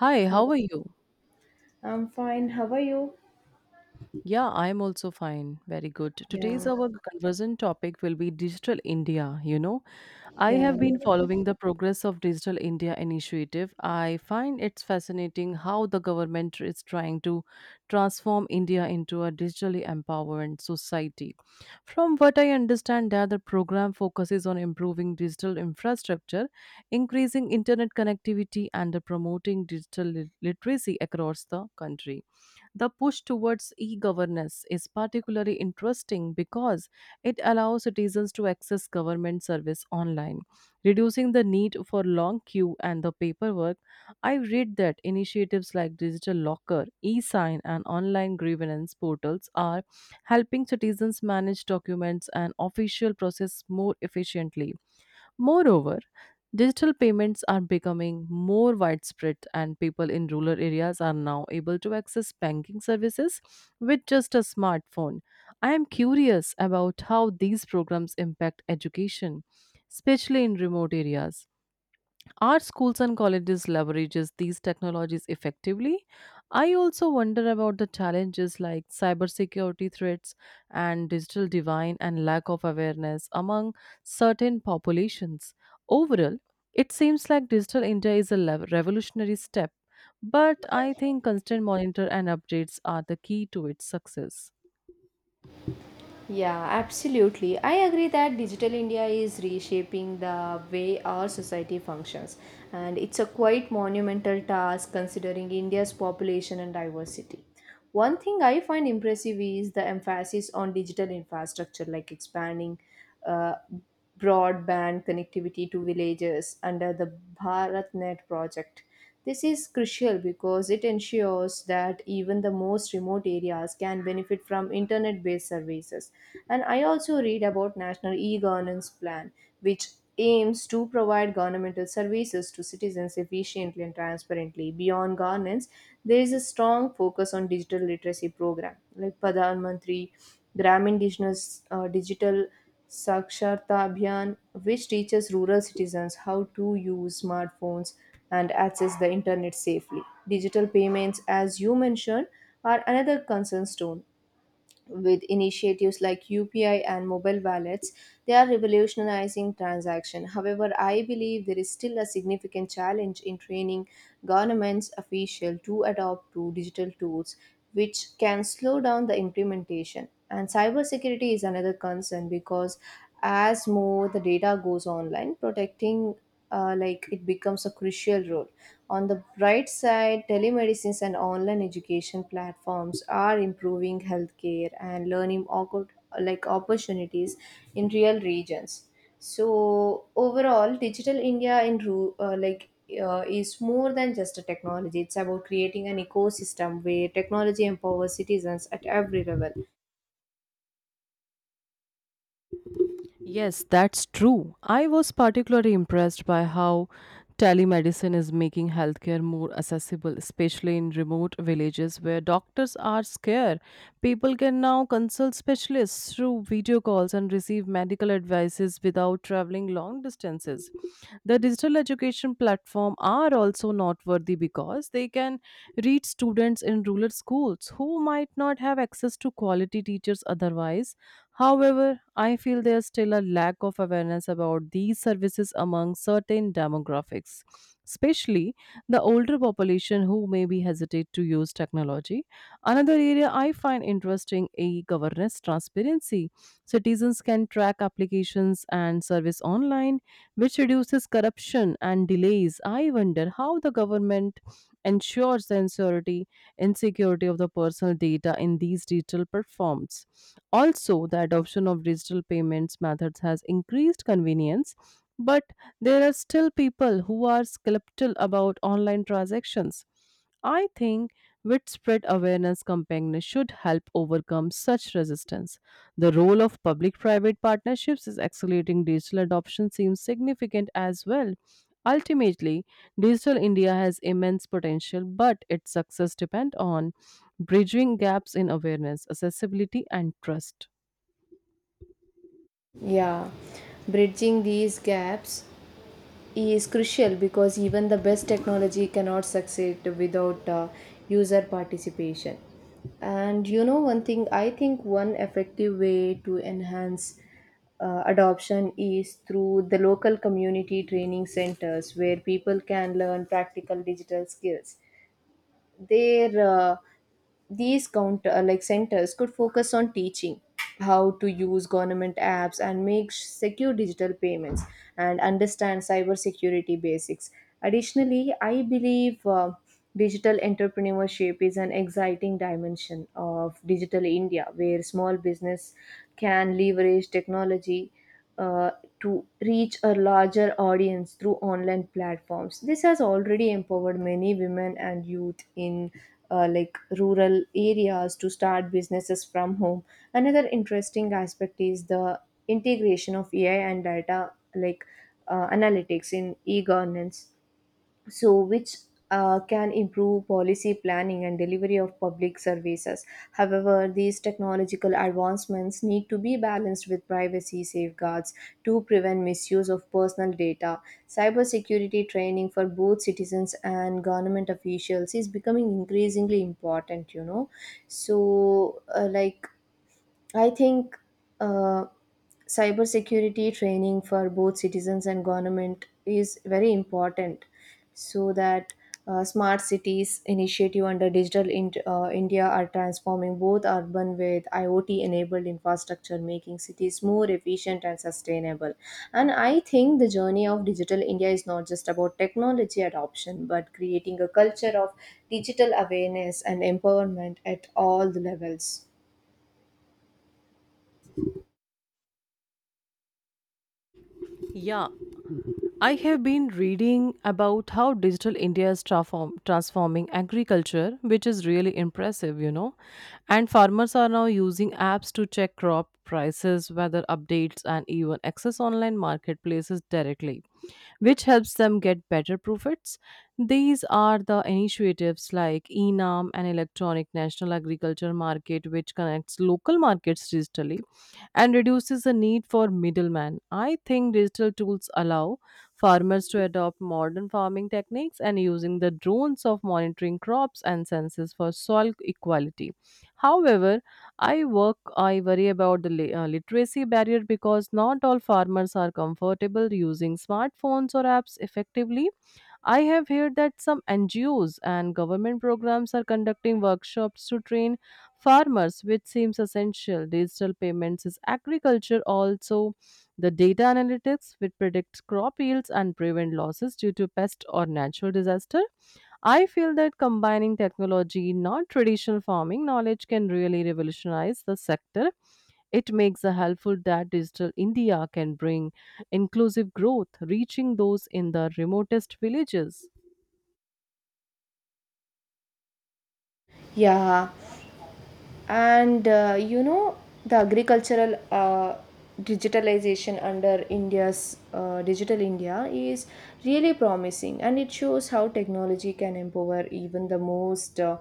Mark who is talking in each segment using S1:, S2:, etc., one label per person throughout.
S1: Hi, how are you?
S2: I'm fine. How are you?
S1: Yeah, I'm also fine. Very good. Today's our conversation topic will be Digital India. I have been following the progress of Digital India initiative. I find it's fascinating how the government is trying to transform India into a digitally empowered society. From what I understand that the program focuses on improving digital infrastructure, increasing internet connectivity and promoting literacy across the country. The push towards e governance is particularly interesting because it allows citizens to access government service online, reducing the need for long queue and the paperwork. I read that initiatives like Digital Locker, e-sign, and online grievance portals are helping citizens manage documents and official process more efficiently. Moreover, digital payments are becoming more widespread, and people in rural areas are now able to access banking services with just a smartphone. I am curious about how these programs impact education, especially in remote areas. Are schools and colleges leverages these technologies effectively? I also wonder about the challenges like cybersecurity threats and digital divide, and lack of awareness among certain populations. Overall, it seems like digital India is a revolutionary step, but I think constant monitor and updates are the key to its success.
S2: Yeah, absolutely. I agree that digital India is reshaping the way our society functions, and it's a quite monumental task considering India's population and diversity. One thing I find impressive is the emphasis on digital infrastructure, like expanding uh, broadband connectivity to villages under the BharatNet project. This is crucial because it ensures that even the most remote areas can benefit from internet based services. And I also read about National e governance plan, which aims to provide governmental services to citizens efficiently and transparently. Beyond governance, there is a strong focus on digital literacy program like Pradhan Mantri Gramin Digital, Digital Saksharta Abhiyan, which teaches rural citizens how to use smartphones and access the internet safely. Digital payments, as you mentioned, are another concern stone with initiatives like UPI and mobile wallets, they are revolutionizing transaction. However, I believe there is still a significant challenge in training governments official to adopt to digital tools, which can slow down the implementation. And cybersecurity is another concern because as more the data goes online, protecting it becomes a crucial role. On the bright side, telemedicines and online education platforms are improving healthcare and learning opportunities in real regions. So overall, digital India in ru- like is more than just a technology. It's about creating an ecosystem where technology empowers citizens at every level.
S1: Yes, that's true. I was particularly impressed by how telemedicine is making healthcare more accessible, especially in remote villages where doctors are scarce. People can now consult specialists through video calls and receive medical advices without traveling long distances. The digital education platform are also noteworthy because they can reach students in rural schools who might not have access to quality teachers otherwise. However, I feel there's still a lack of awareness about these services among certain demographics, especially the older population who maybe hesitate to use technology. Another area I find interesting is governance transparency. Citizens can track applications and service online, which reduces corruption and delays. I wonder how the government ensures the security and security of the personal data in these digital platforms. Also, the adoption of digital payments methods has increased convenience, but there are still people who are skeptical about online transactions. I think widespread awareness campaigns should help overcome such resistance. The role of public private partnerships is accelerating digital adoption seems significant as well. Ultimately, digital India has immense potential, but its success depends on bridging gaps in awareness, accessibility, and trust.
S2: Yeah, bridging these gaps is crucial because even the best technology cannot succeed without user participation. And you know, one thing I think one effective way to enhance adoption is through the local community training centers where people can learn practical digital skills their these counter like centers could focus on teaching how to use government apps and make secure digital payments and understand cybersecurity basics. Additionally, I believe digital entrepreneurship is an exciting dimension of digital India where small business can leverage technology uh, to reach a larger audience through online platforms. This has already empowered many women and youth in rural areas to start businesses from home. Another interesting aspect is the integration of AI and data analytics in e-governance, which can improve policy planning and delivery of public services. However, these technological advancements need to be balanced with privacy safeguards to prevent misuse of personal data. Cybersecurity training for both citizens and government officials is becoming increasingly important, you know. So, I think uh, cybersecurity training for both citizens and government is very important so that smart cities initiative under digital India are transforming both urban with IoT enabled infrastructure, making cities more efficient and sustainable. And I think the journey of digital India is not just about technology adoption, but creating a culture of digital awareness and empowerment at all the levels.
S1: Yeah, I have been reading about how digital India is transforming agriculture, which is really impressive, And farmers are now using apps to check crop prices, weather updates, and even access online marketplaces directly, which helps them get better profits. These are the initiatives like ENAM, an electronic national agriculture market, which connects local markets digitally and reduces the need for middlemen. I think digital tools allow farmers to adopt modern farming techniques and using the drones of monitoring crops and sensors for soil equality. However, I worry about the literacy barrier because not all farmers are comfortable using smartphones or apps effectively. I have heard that some NGOs and government programs are conducting workshops to train farmers, which seems essential. Digital payments is agriculture also. The data analytics, which predicts crop yields and prevent losses due to pest or natural disaster. I feel that combining technology, non traditional farming knowledge can really revolutionize the sector. It makes a helpful that Digital India can bring inclusive growth, reaching those in the remotest villages.
S2: Yeah, and you know, the agricultural digitalization under India's digital India is really promising, and it shows how technology can empower even the most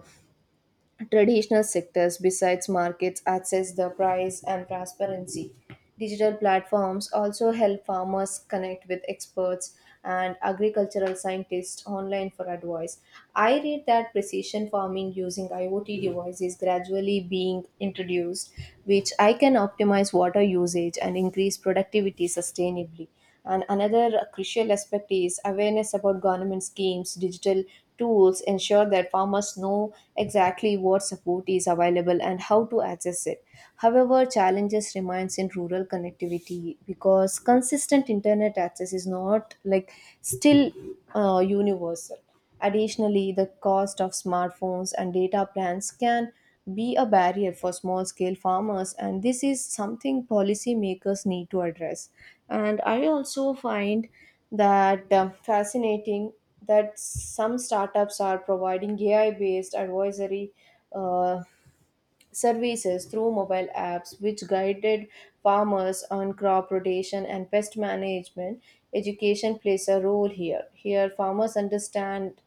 S2: traditional sectors. Besides markets access the price and transparency. Digital platforms also help farmers connect with experts and agricultural scientists online for advice. I read that precision farming using IoT devices gradually being introduced, which I can optimize water usage and increase productivity sustainably. And another crucial aspect is awareness about government schemes, digital tools ensure that farmers know exactly what support is available and how to access it. However, challenges remains in rural connectivity because consistent internet access is not like still universal. Additionally, the cost of smartphones and data plans can be a barrier for small scale farmers, and this is something policymakers need to address. And I also find that fascinating that some startups are providing AI based advisory Uh, services through mobile apps which guided farmers on crop rotation and pest management. Education plays a role here. Here farmers understand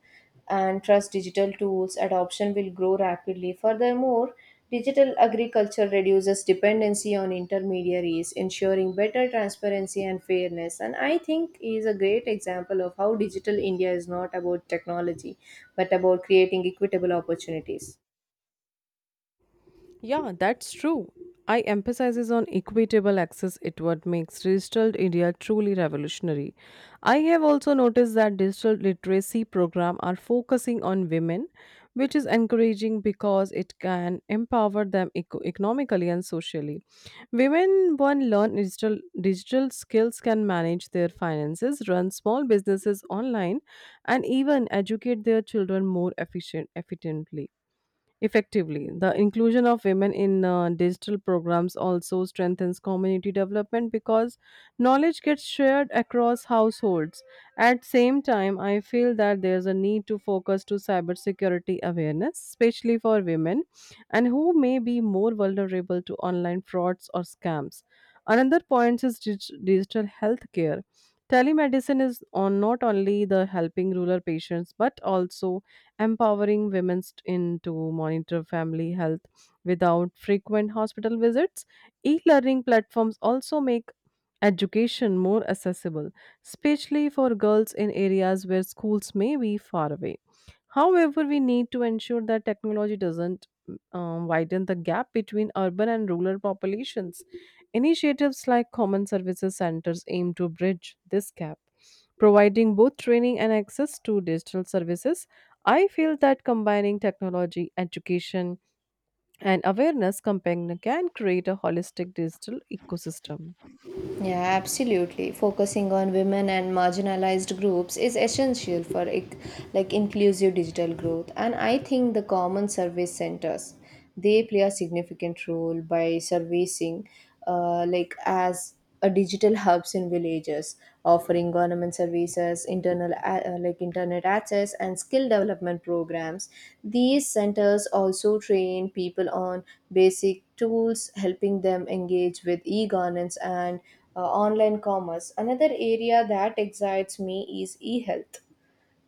S2: and trust digital tools adoption will grow rapidly. Furthermore, digital agriculture reduces dependency on intermediaries, ensuring better transparency and fairness. And I think is a great example of how digital India is not about technology but about creating equitable opportunities.
S1: Yeah, that's true. I emphasizes on equitable access it what makes digital India truly revolutionary. I have also noticed that digital literacy program are focusing on women, which is encouraging because it can empower them economically and socially. Women one learn digital skills can manage their finances, run small businesses online, and even educate their children more efficient efficiently. Effectively, the inclusion of women in digital programs also strengthens community development because knowledge gets shared across households. At same time, I feel that there's a need to focus to cybersecurity awareness, especially for women and who may be more vulnerable to online frauds or scams. Another point is digital healthcare. Telemedicine is on not only the helping rural patients but also empowering women in to monitor family health without frequent hospital visits. E-learning platforms also make education more accessible, especially for girls in areas where schools may be far away. However, we need to ensure that technology doesn't widen the gap between urban and rural populations. Initiatives like Common Services Centers aim to bridge this gap, providing both training and access to digital services. I feel that combining technology, education, and awareness campaign can create a holistic digital ecosystem.
S2: Yeah, absolutely. Focusing on women and marginalized groups is essential for inclusive digital growth, and I think the common service centers they play a significant role by servicing as a digital hubs in villages, offering government services, internal a- like internet access, and skill development programs. These centers also train people on basic tools, helping them engage with e-governance and online commerce. Another area that excites me is e-health,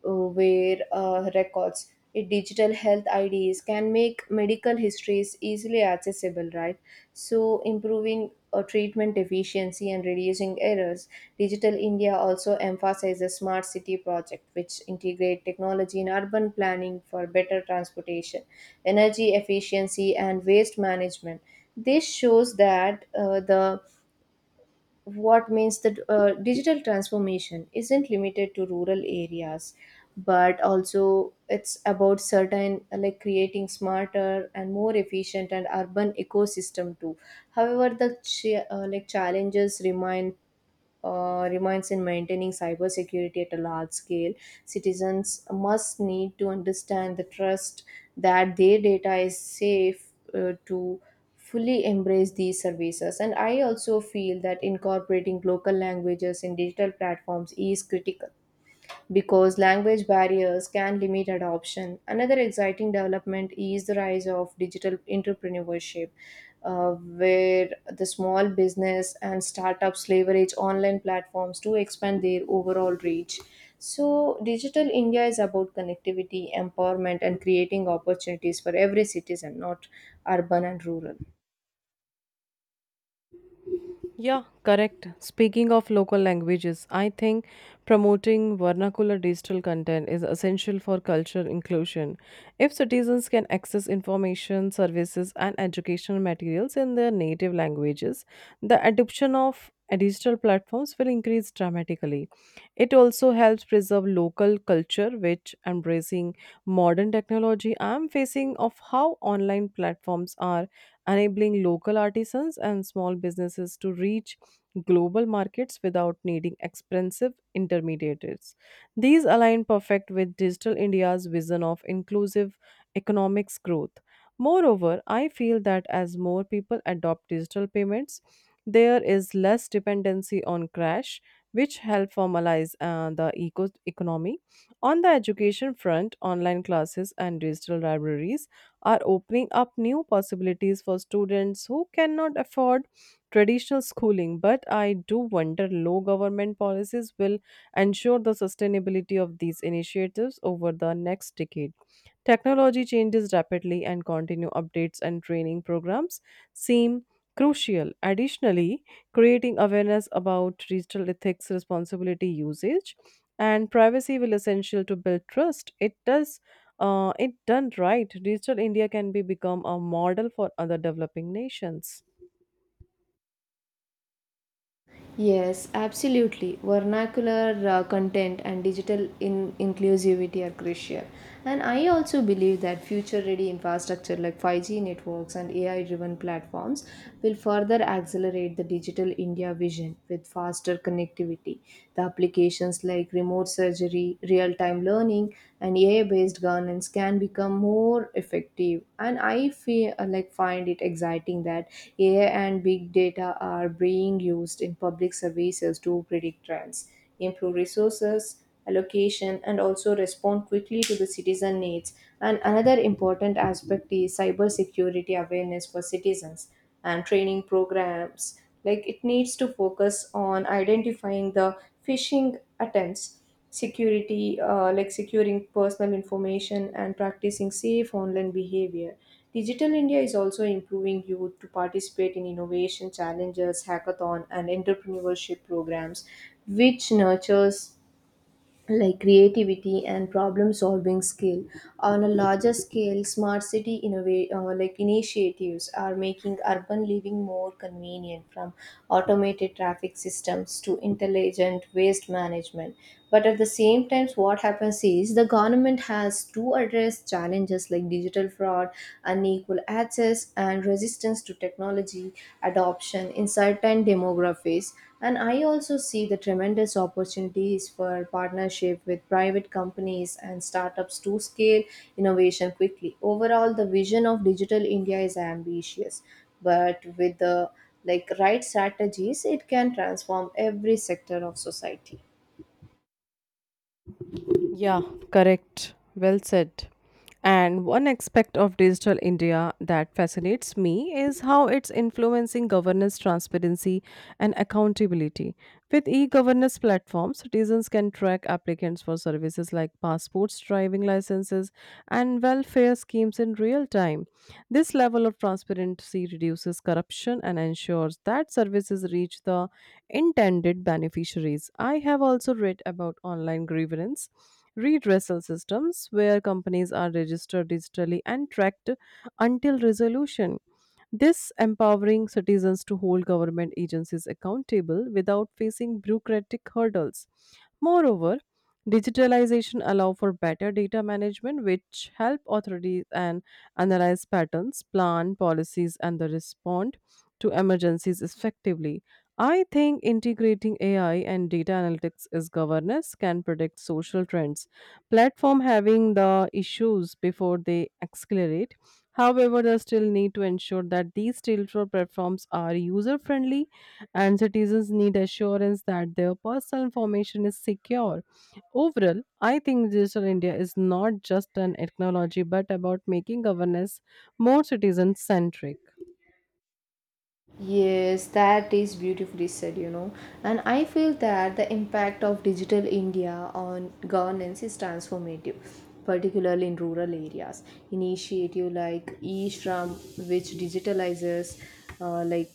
S2: where digital health IDs can make medical histories easily accessible, right? So improving treatment efficiency and reducing errors. Digital India also emphasizes smart city project, which integrate technology in urban planning for better transportation, energy efficiency, and waste management. This shows that the what means that digital transformation isn't limited to rural areas, but also it's about certain creating smarter and more efficient and urban ecosystem too. However, the challenges remains in maintaining cybersecurity at a large scale. Citizens must need to understand the trust that their data is safe to fully embrace these services. And I also feel that incorporating local languages in digital platforms is critical because language barriers can limit adoption. Another exciting development is the rise of digital entrepreneurship, where the small business and startups leverage online platforms to expand their overall reach. So, Digital India is about connectivity, empowerment, and creating opportunities for every citizen, not urban and rural.
S1: Yeah, correct. Speaking of local languages, I think promoting vernacular digital content is essential for cultural inclusion. If citizens can access information, services, and educational materials in their native languages, the adoption of digital platforms will increase dramatically. It also helps preserve local culture, which embracing modern technology, I am facing of how online platforms are enabling local artisans and small businesses to reach global markets without needing expensive intermediaries. These align perfect with Digital India's vision of inclusive economics growth. Moreover, I feel that as more people adopt digital payments, there is less dependency on cash, which help formalize the economy. On the education front, online classes and digital libraries are opening up new possibilities for students who cannot afford traditional schooling. But I do wonder low government policies will ensure the sustainability of these initiatives over the next decade. Technology changes rapidly and continue updates and training programs seem crucial. Additionally, creating awareness about digital ethics, responsibility usage, and privacy will essential to build trust. It done right, digital India can be become a model for other developing nations.
S2: Yes, absolutely. Vernacular content and digital inclusivity are crucial. And I also believe that future ready infrastructure like 5G networks and AI driven platforms will further accelerate the digital India vision with faster connectivity. The applications like remote surgery, real time learning, and AI based governance can become more effective. And I feel find it exciting that AI and big data are being used in public services to predict trends, improve resources allocation, and also respond quickly to the citizen needs. And another important aspect is cybersecurity awareness for citizens and training programs, like it needs to focus on identifying the phishing attempts, security, like securing personal information and practicing safe online behavior. Digital India is also improving youth to participate in innovation challenges, hackathon, and entrepreneurship programs, which nurtures like creativity and problem solving skill. On a larger scale, smart city initiatives are making urban living more convenient, from automated traffic systems to intelligent waste management. But at the same time what happens is the government has to address challenges like digital fraud, unequal access, and resistance to technology adoption in certain demographics. And I also see the tremendous opportunities for partnership with private companies and startups to scale innovation quickly. Overall, the vision of Digital India is ambitious, but with the like right strategies, it can transform every sector of society.
S1: Yeah, correct. Well said. And one aspect of digital India that fascinates me is how it's influencing governance, transparency, and accountability. With e governance platforms, citizens can track applicants for services like passports, driving licenses, and welfare schemes in real time. This level of transparency reduces corruption and ensures that services reach the intended beneficiaries. I have also read about online grievance redressal systems where companies are registered digitally and tracked until resolution. This empowering citizens to hold government agencies accountable without facing bureaucratic hurdles. Moreover, Digitalization allow for better data management, which help authorities and analyze patterns, plan policies, and the respond to emergencies effectively. I think integrating AI and data analytics is governance can predict social trends. Platform having the issues before they accelerate. However, they still need to ensure that these digital platforms are user friendly and citizens need assurance that their personal information is secure. Overall, I think Digital India is not just an technology but about making governance more citizen centric.
S2: Yes, that is beautifully said, you know. And I feel that the impact of digital India on governance is transformative, particularly in rural areas. Initiative like eShram, which digitalizes uh, like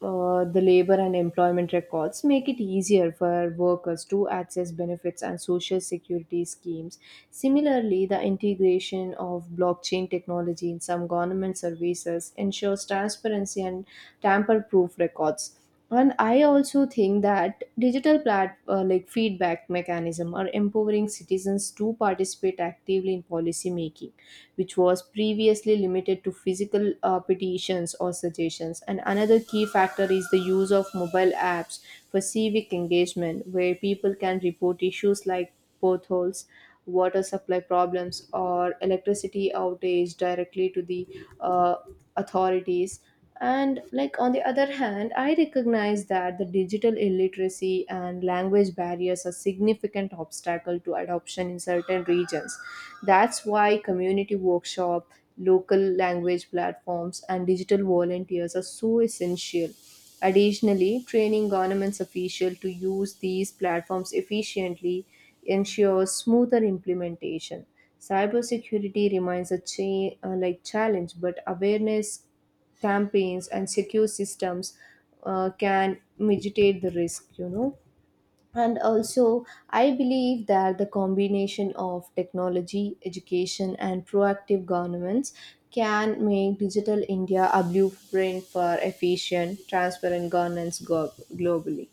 S2: the labor and employment records, make it easier for workers to access benefits and social security schemes. Similarly, the integration of blockchain technology in some government services ensures transparency and tamper proof records. And I also think that digital feedback mechanism are empowering citizens to participate actively in policy making, which was previously limited to physical petitions or suggestions. And another key factor is the use of mobile apps for civic engagement, where people can report issues like potholes, water supply problems, or electricity outage directly to the uh, authorities. And like on the other hand, I recognize that the digital illiteracy and language barriers are significant obstacle to adoption in certain regions. That's why community workshop, local language platforms and digital volunteers are so essential. Additionally, training governments official to use these platforms efficiently ensures smoother implementation. Cybersecurity remains a challenge, but awareness campaigns and secure systems can mitigate the risk, you know. And also I believe that the combination of technology education and proactive governments can make digital India a blueprint for efficient transparent governance globally.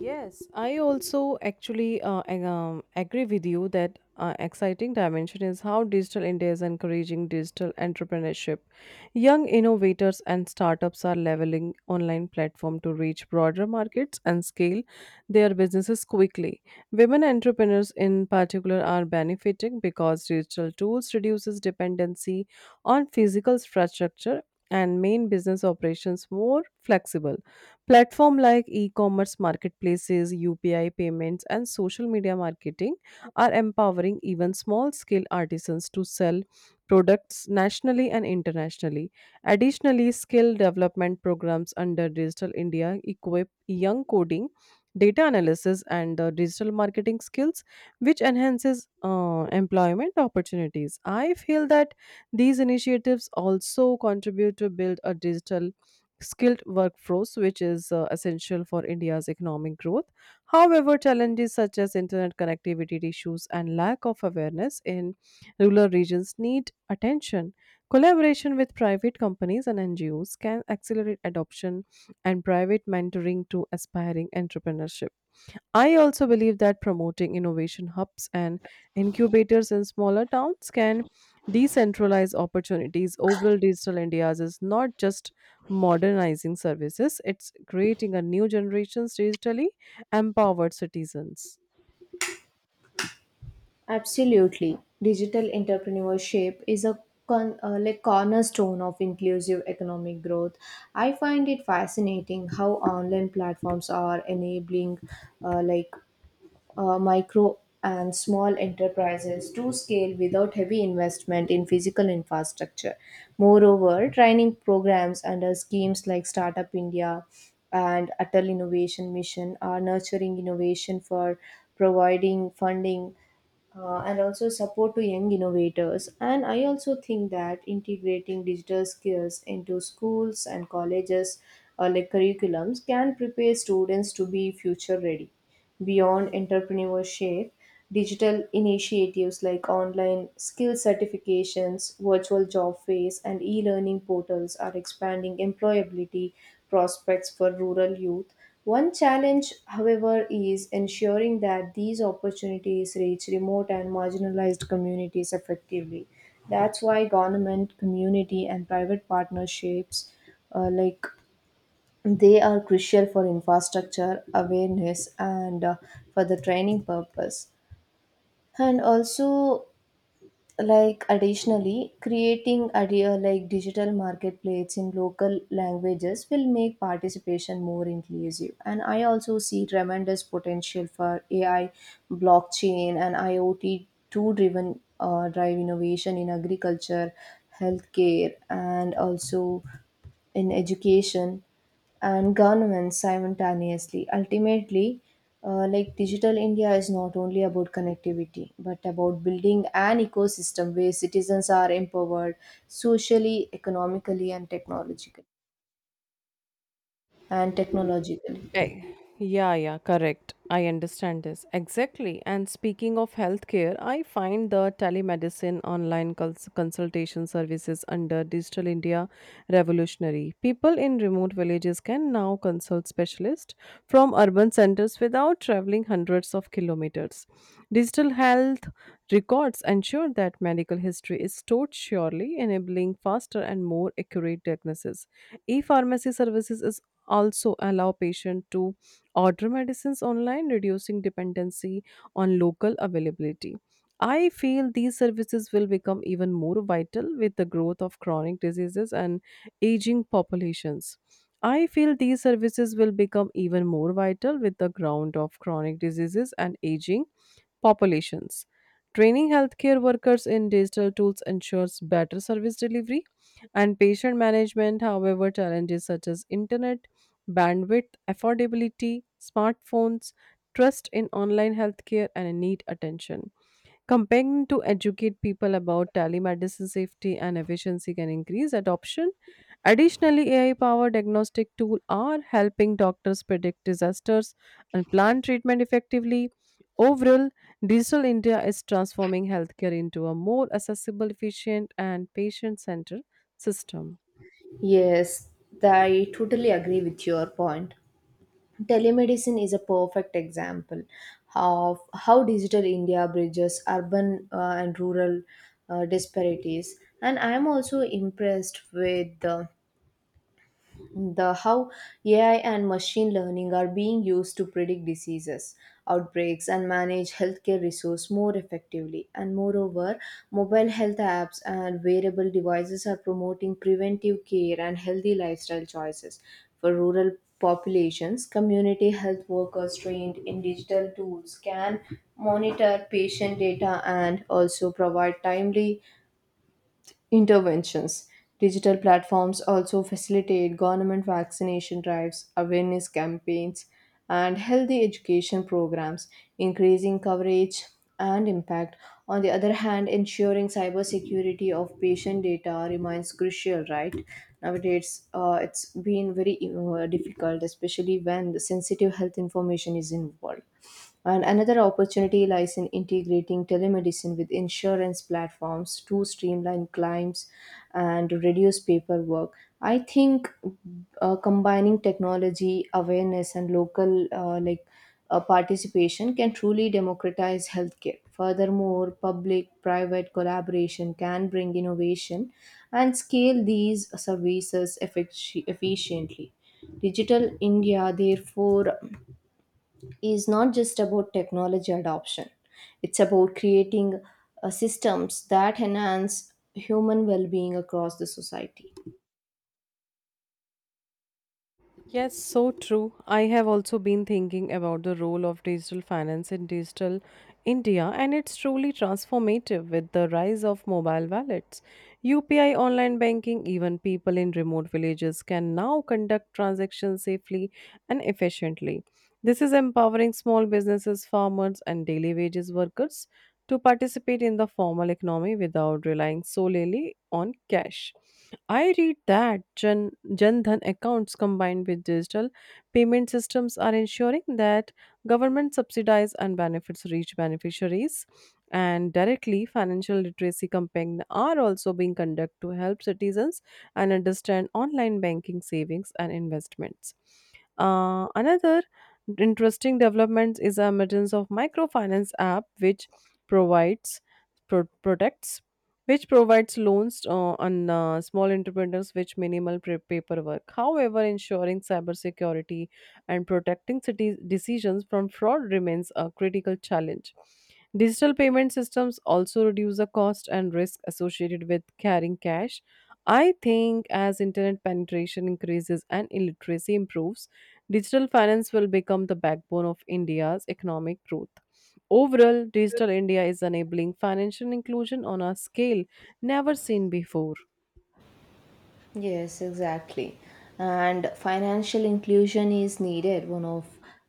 S1: Yes, I also actually agree with you that exciting dimension is how digital India is encouraging digital entrepreneurship. Young innovators and startups are leveling online platform to reach broader markets and scale their businesses quickly. Women entrepreneurs in particular are benefiting because digital tools reduces dependency on physical infrastructure and main business operations more flexible. Platform like e-commerce marketplaces, UPI payments, and social media marketing are empowering even small-scale artisans to sell products nationally and internationally. Additionally, skill development programs under Digital India equip young coding, data analysis, and digital marketing skills, which enhances employment opportunities. I feel that these initiatives also contribute to build a digital skilled workforce, which is essential for India's economic growth. However, challenges such as internet connectivity issues and lack of awareness in rural regions need attention. Collaboration with private companies and NGOs can accelerate adoption and private mentoring to aspiring entrepreneurship. I also believe that promoting innovation hubs and incubators in smaller towns can decentralize opportunities. Overall, Digital India's is not just modernizing services, it's creating a new generation's digitally empowered citizens.
S2: Absolutely. Digital entrepreneurship is a cornerstone of inclusive economic growth. I find it fascinating how online platforms are enabling uh, like micro and small enterprises to scale without heavy investment in physical infrastructure. Moreover, training programs under schemes like Startup India and Atal Innovation Mission are nurturing innovation for providing funding and also support to young innovators. And I also think that integrating digital skills into schools and colleges curriculums can prepare students to be future ready. Beyond entrepreneurship, digital initiatives like online skill certifications, virtual job fairs, and e learning portals are expanding employability prospects for rural youth. One challenge, however, is ensuring that these opportunities reach remote and marginalized communities effectively. That's why government, community, and private partnerships uh, like they are crucial for infrastructure awareness and for the training purpose. And also like additionally, creating idea like digital marketplace in local languages will make participation more inclusive. And I also see tremendous potential for AI, blockchain, and IoT to drive innovation in agriculture, healthcare, and also in education and governments simultaneously. Ultimately, digital India is not only about connectivity but about building an ecosystem where citizens are empowered socially, economically, and technologically. And technologically,
S1: Eh, Yeah, yeah, correct. I understand this. Exactly. And speaking of healthcare, I find the telemedicine online consultation services under Digital India revolutionary. People in remote villages can now consult specialists from urban centers without traveling hundreds of kilometers. Digital health records ensure that medical history is stored surely, enabling faster and more accurate diagnosis. E-pharmacy services is also allow patient to order medicines online reducing dependency on local availability. I feel these services will become even more vital with the growth of chronic diseases and aging populations. I feel these services will become even more vital with the ground of chronic diseases and aging populations. Training healthcare workers in digital tools ensures better service delivery and patient management. However, challenges such as internet, bandwidth, affordability, smartphones, trust in online healthcare, and need attention. Campaigning to educate people about telemedicine safety and efficiency can increase adoption. Additionally, AI powered diagnostic tools are helping doctors predict disasters and plan treatment effectively. Overall, Digital India is transforming healthcare into a more accessible, efficient, and patient centered system.
S2: yes, I totally agree with your point. Telemedicine is a perfect example of how digital India bridges urban and rural disparities. And I am also impressed with. The how AI and machine learning are being used to predict diseases, outbreaks, and manage healthcare resource more effectively. And moreover, mobile health apps and wearable devices are promoting preventive care and healthy lifestyle choices for rural populations. Community health workers trained in digital tools can monitor patient data and also provide timely interventions. Digital platforms also facilitate government vaccination drives, awareness campaigns, and healthy education programs, increasing coverage and impact. On the other hand, ensuring cybersecurity of patient data remains crucial, right? Nowadays, it's been very difficult, especially when the sensitive health information is involved. And another opportunity lies in integrating telemedicine with insurance platforms to streamline claims and reduce paperwork. I think combining technology awareness and local participation can truly democratize healthcare. Furthermore, public-private collaboration can bring innovation and scale these services efficiently. Digital India, therefore is not just about technology adoption. It's about creating systems that enhance human well-being across the society.
S1: Yes, so true. I have also been thinking about the role of digital finance in digital India, and it's truly transformative with the rise of mobile wallets. UPI online banking, even people in remote villages can now conduct transactions safely and efficiently. This is empowering small businesses, farmers, and daily wages workers to participate in the formal economy without relying solely on cash. I read that Jan Dhan accounts combined with digital payment systems are ensuring that government subsidies and benefits reach beneficiaries. And directly, financial literacy campaigns are also being conducted to help citizens and understand online banking, savings, and investments. Another interesting development is the emergence of microfinance app, provides products which provides loans on small entrepreneurs with minimal paperwork. However, ensuring cybersecurity and protecting city decisions from fraud remains a critical challenge. Digital payment systems also reduce the cost and risk associated with carrying cash. I think as internet penetration increases and illiteracy improves, digital finance will become the backbone of India's economic growth. Overall, Digital India is enabling financial inclusion on a scale never seen before.
S2: Yes, exactly. And financial inclusion is needed. One of,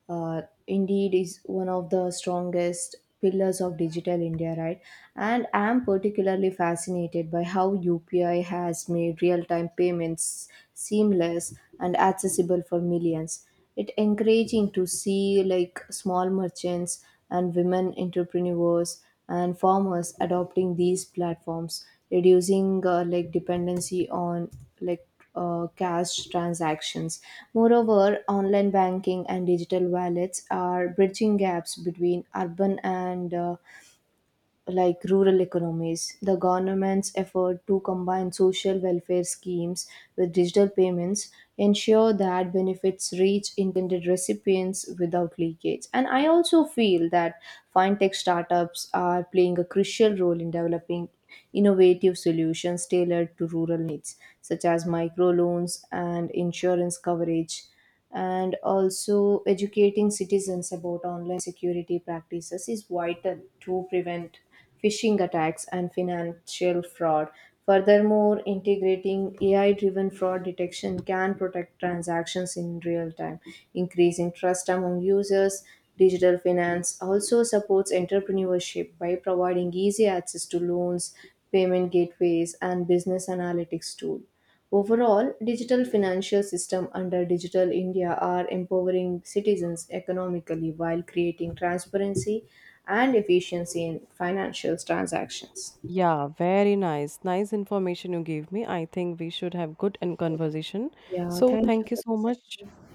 S2: indeed, is one of the strongest pillars of digital India, right? And I'm particularly fascinated by how UPI has made real time payments seamless and accessible for millions. It' encouraging to see like small merchants and women entrepreneurs and farmers adopting these platforms, reducing dependency on like cash transactions. Moreover, online banking and digital wallets are bridging gaps between urban and rural economies. The government's effort to combine social welfare schemes with digital payments ensure that benefits reach intended recipients without leakage. And I also feel that fintech startups are playing a crucial role in developing innovative solutions tailored to rural needs, such as microloans and insurance coverage. And also educating citizens about online security practices is vital to prevent phishing attacks and financial fraud. Furthermore, integrating AI driven fraud detection can protect transactions in real time, increasing trust among users. Digital finance also supports entrepreneurship by providing easy access to loans, payment gateways, and business analytics tools. Overall, digital financial system under Digital India are empowering citizens economically while creating transparency and efficiency in financial transactions.
S1: Yeah, very nice. Nice information you gave me. I think we should have good and conversation.
S2: Yeah,
S1: So
S2: thank you
S1: thank you
S2: for
S1: so
S2: the
S1: much.
S2: session.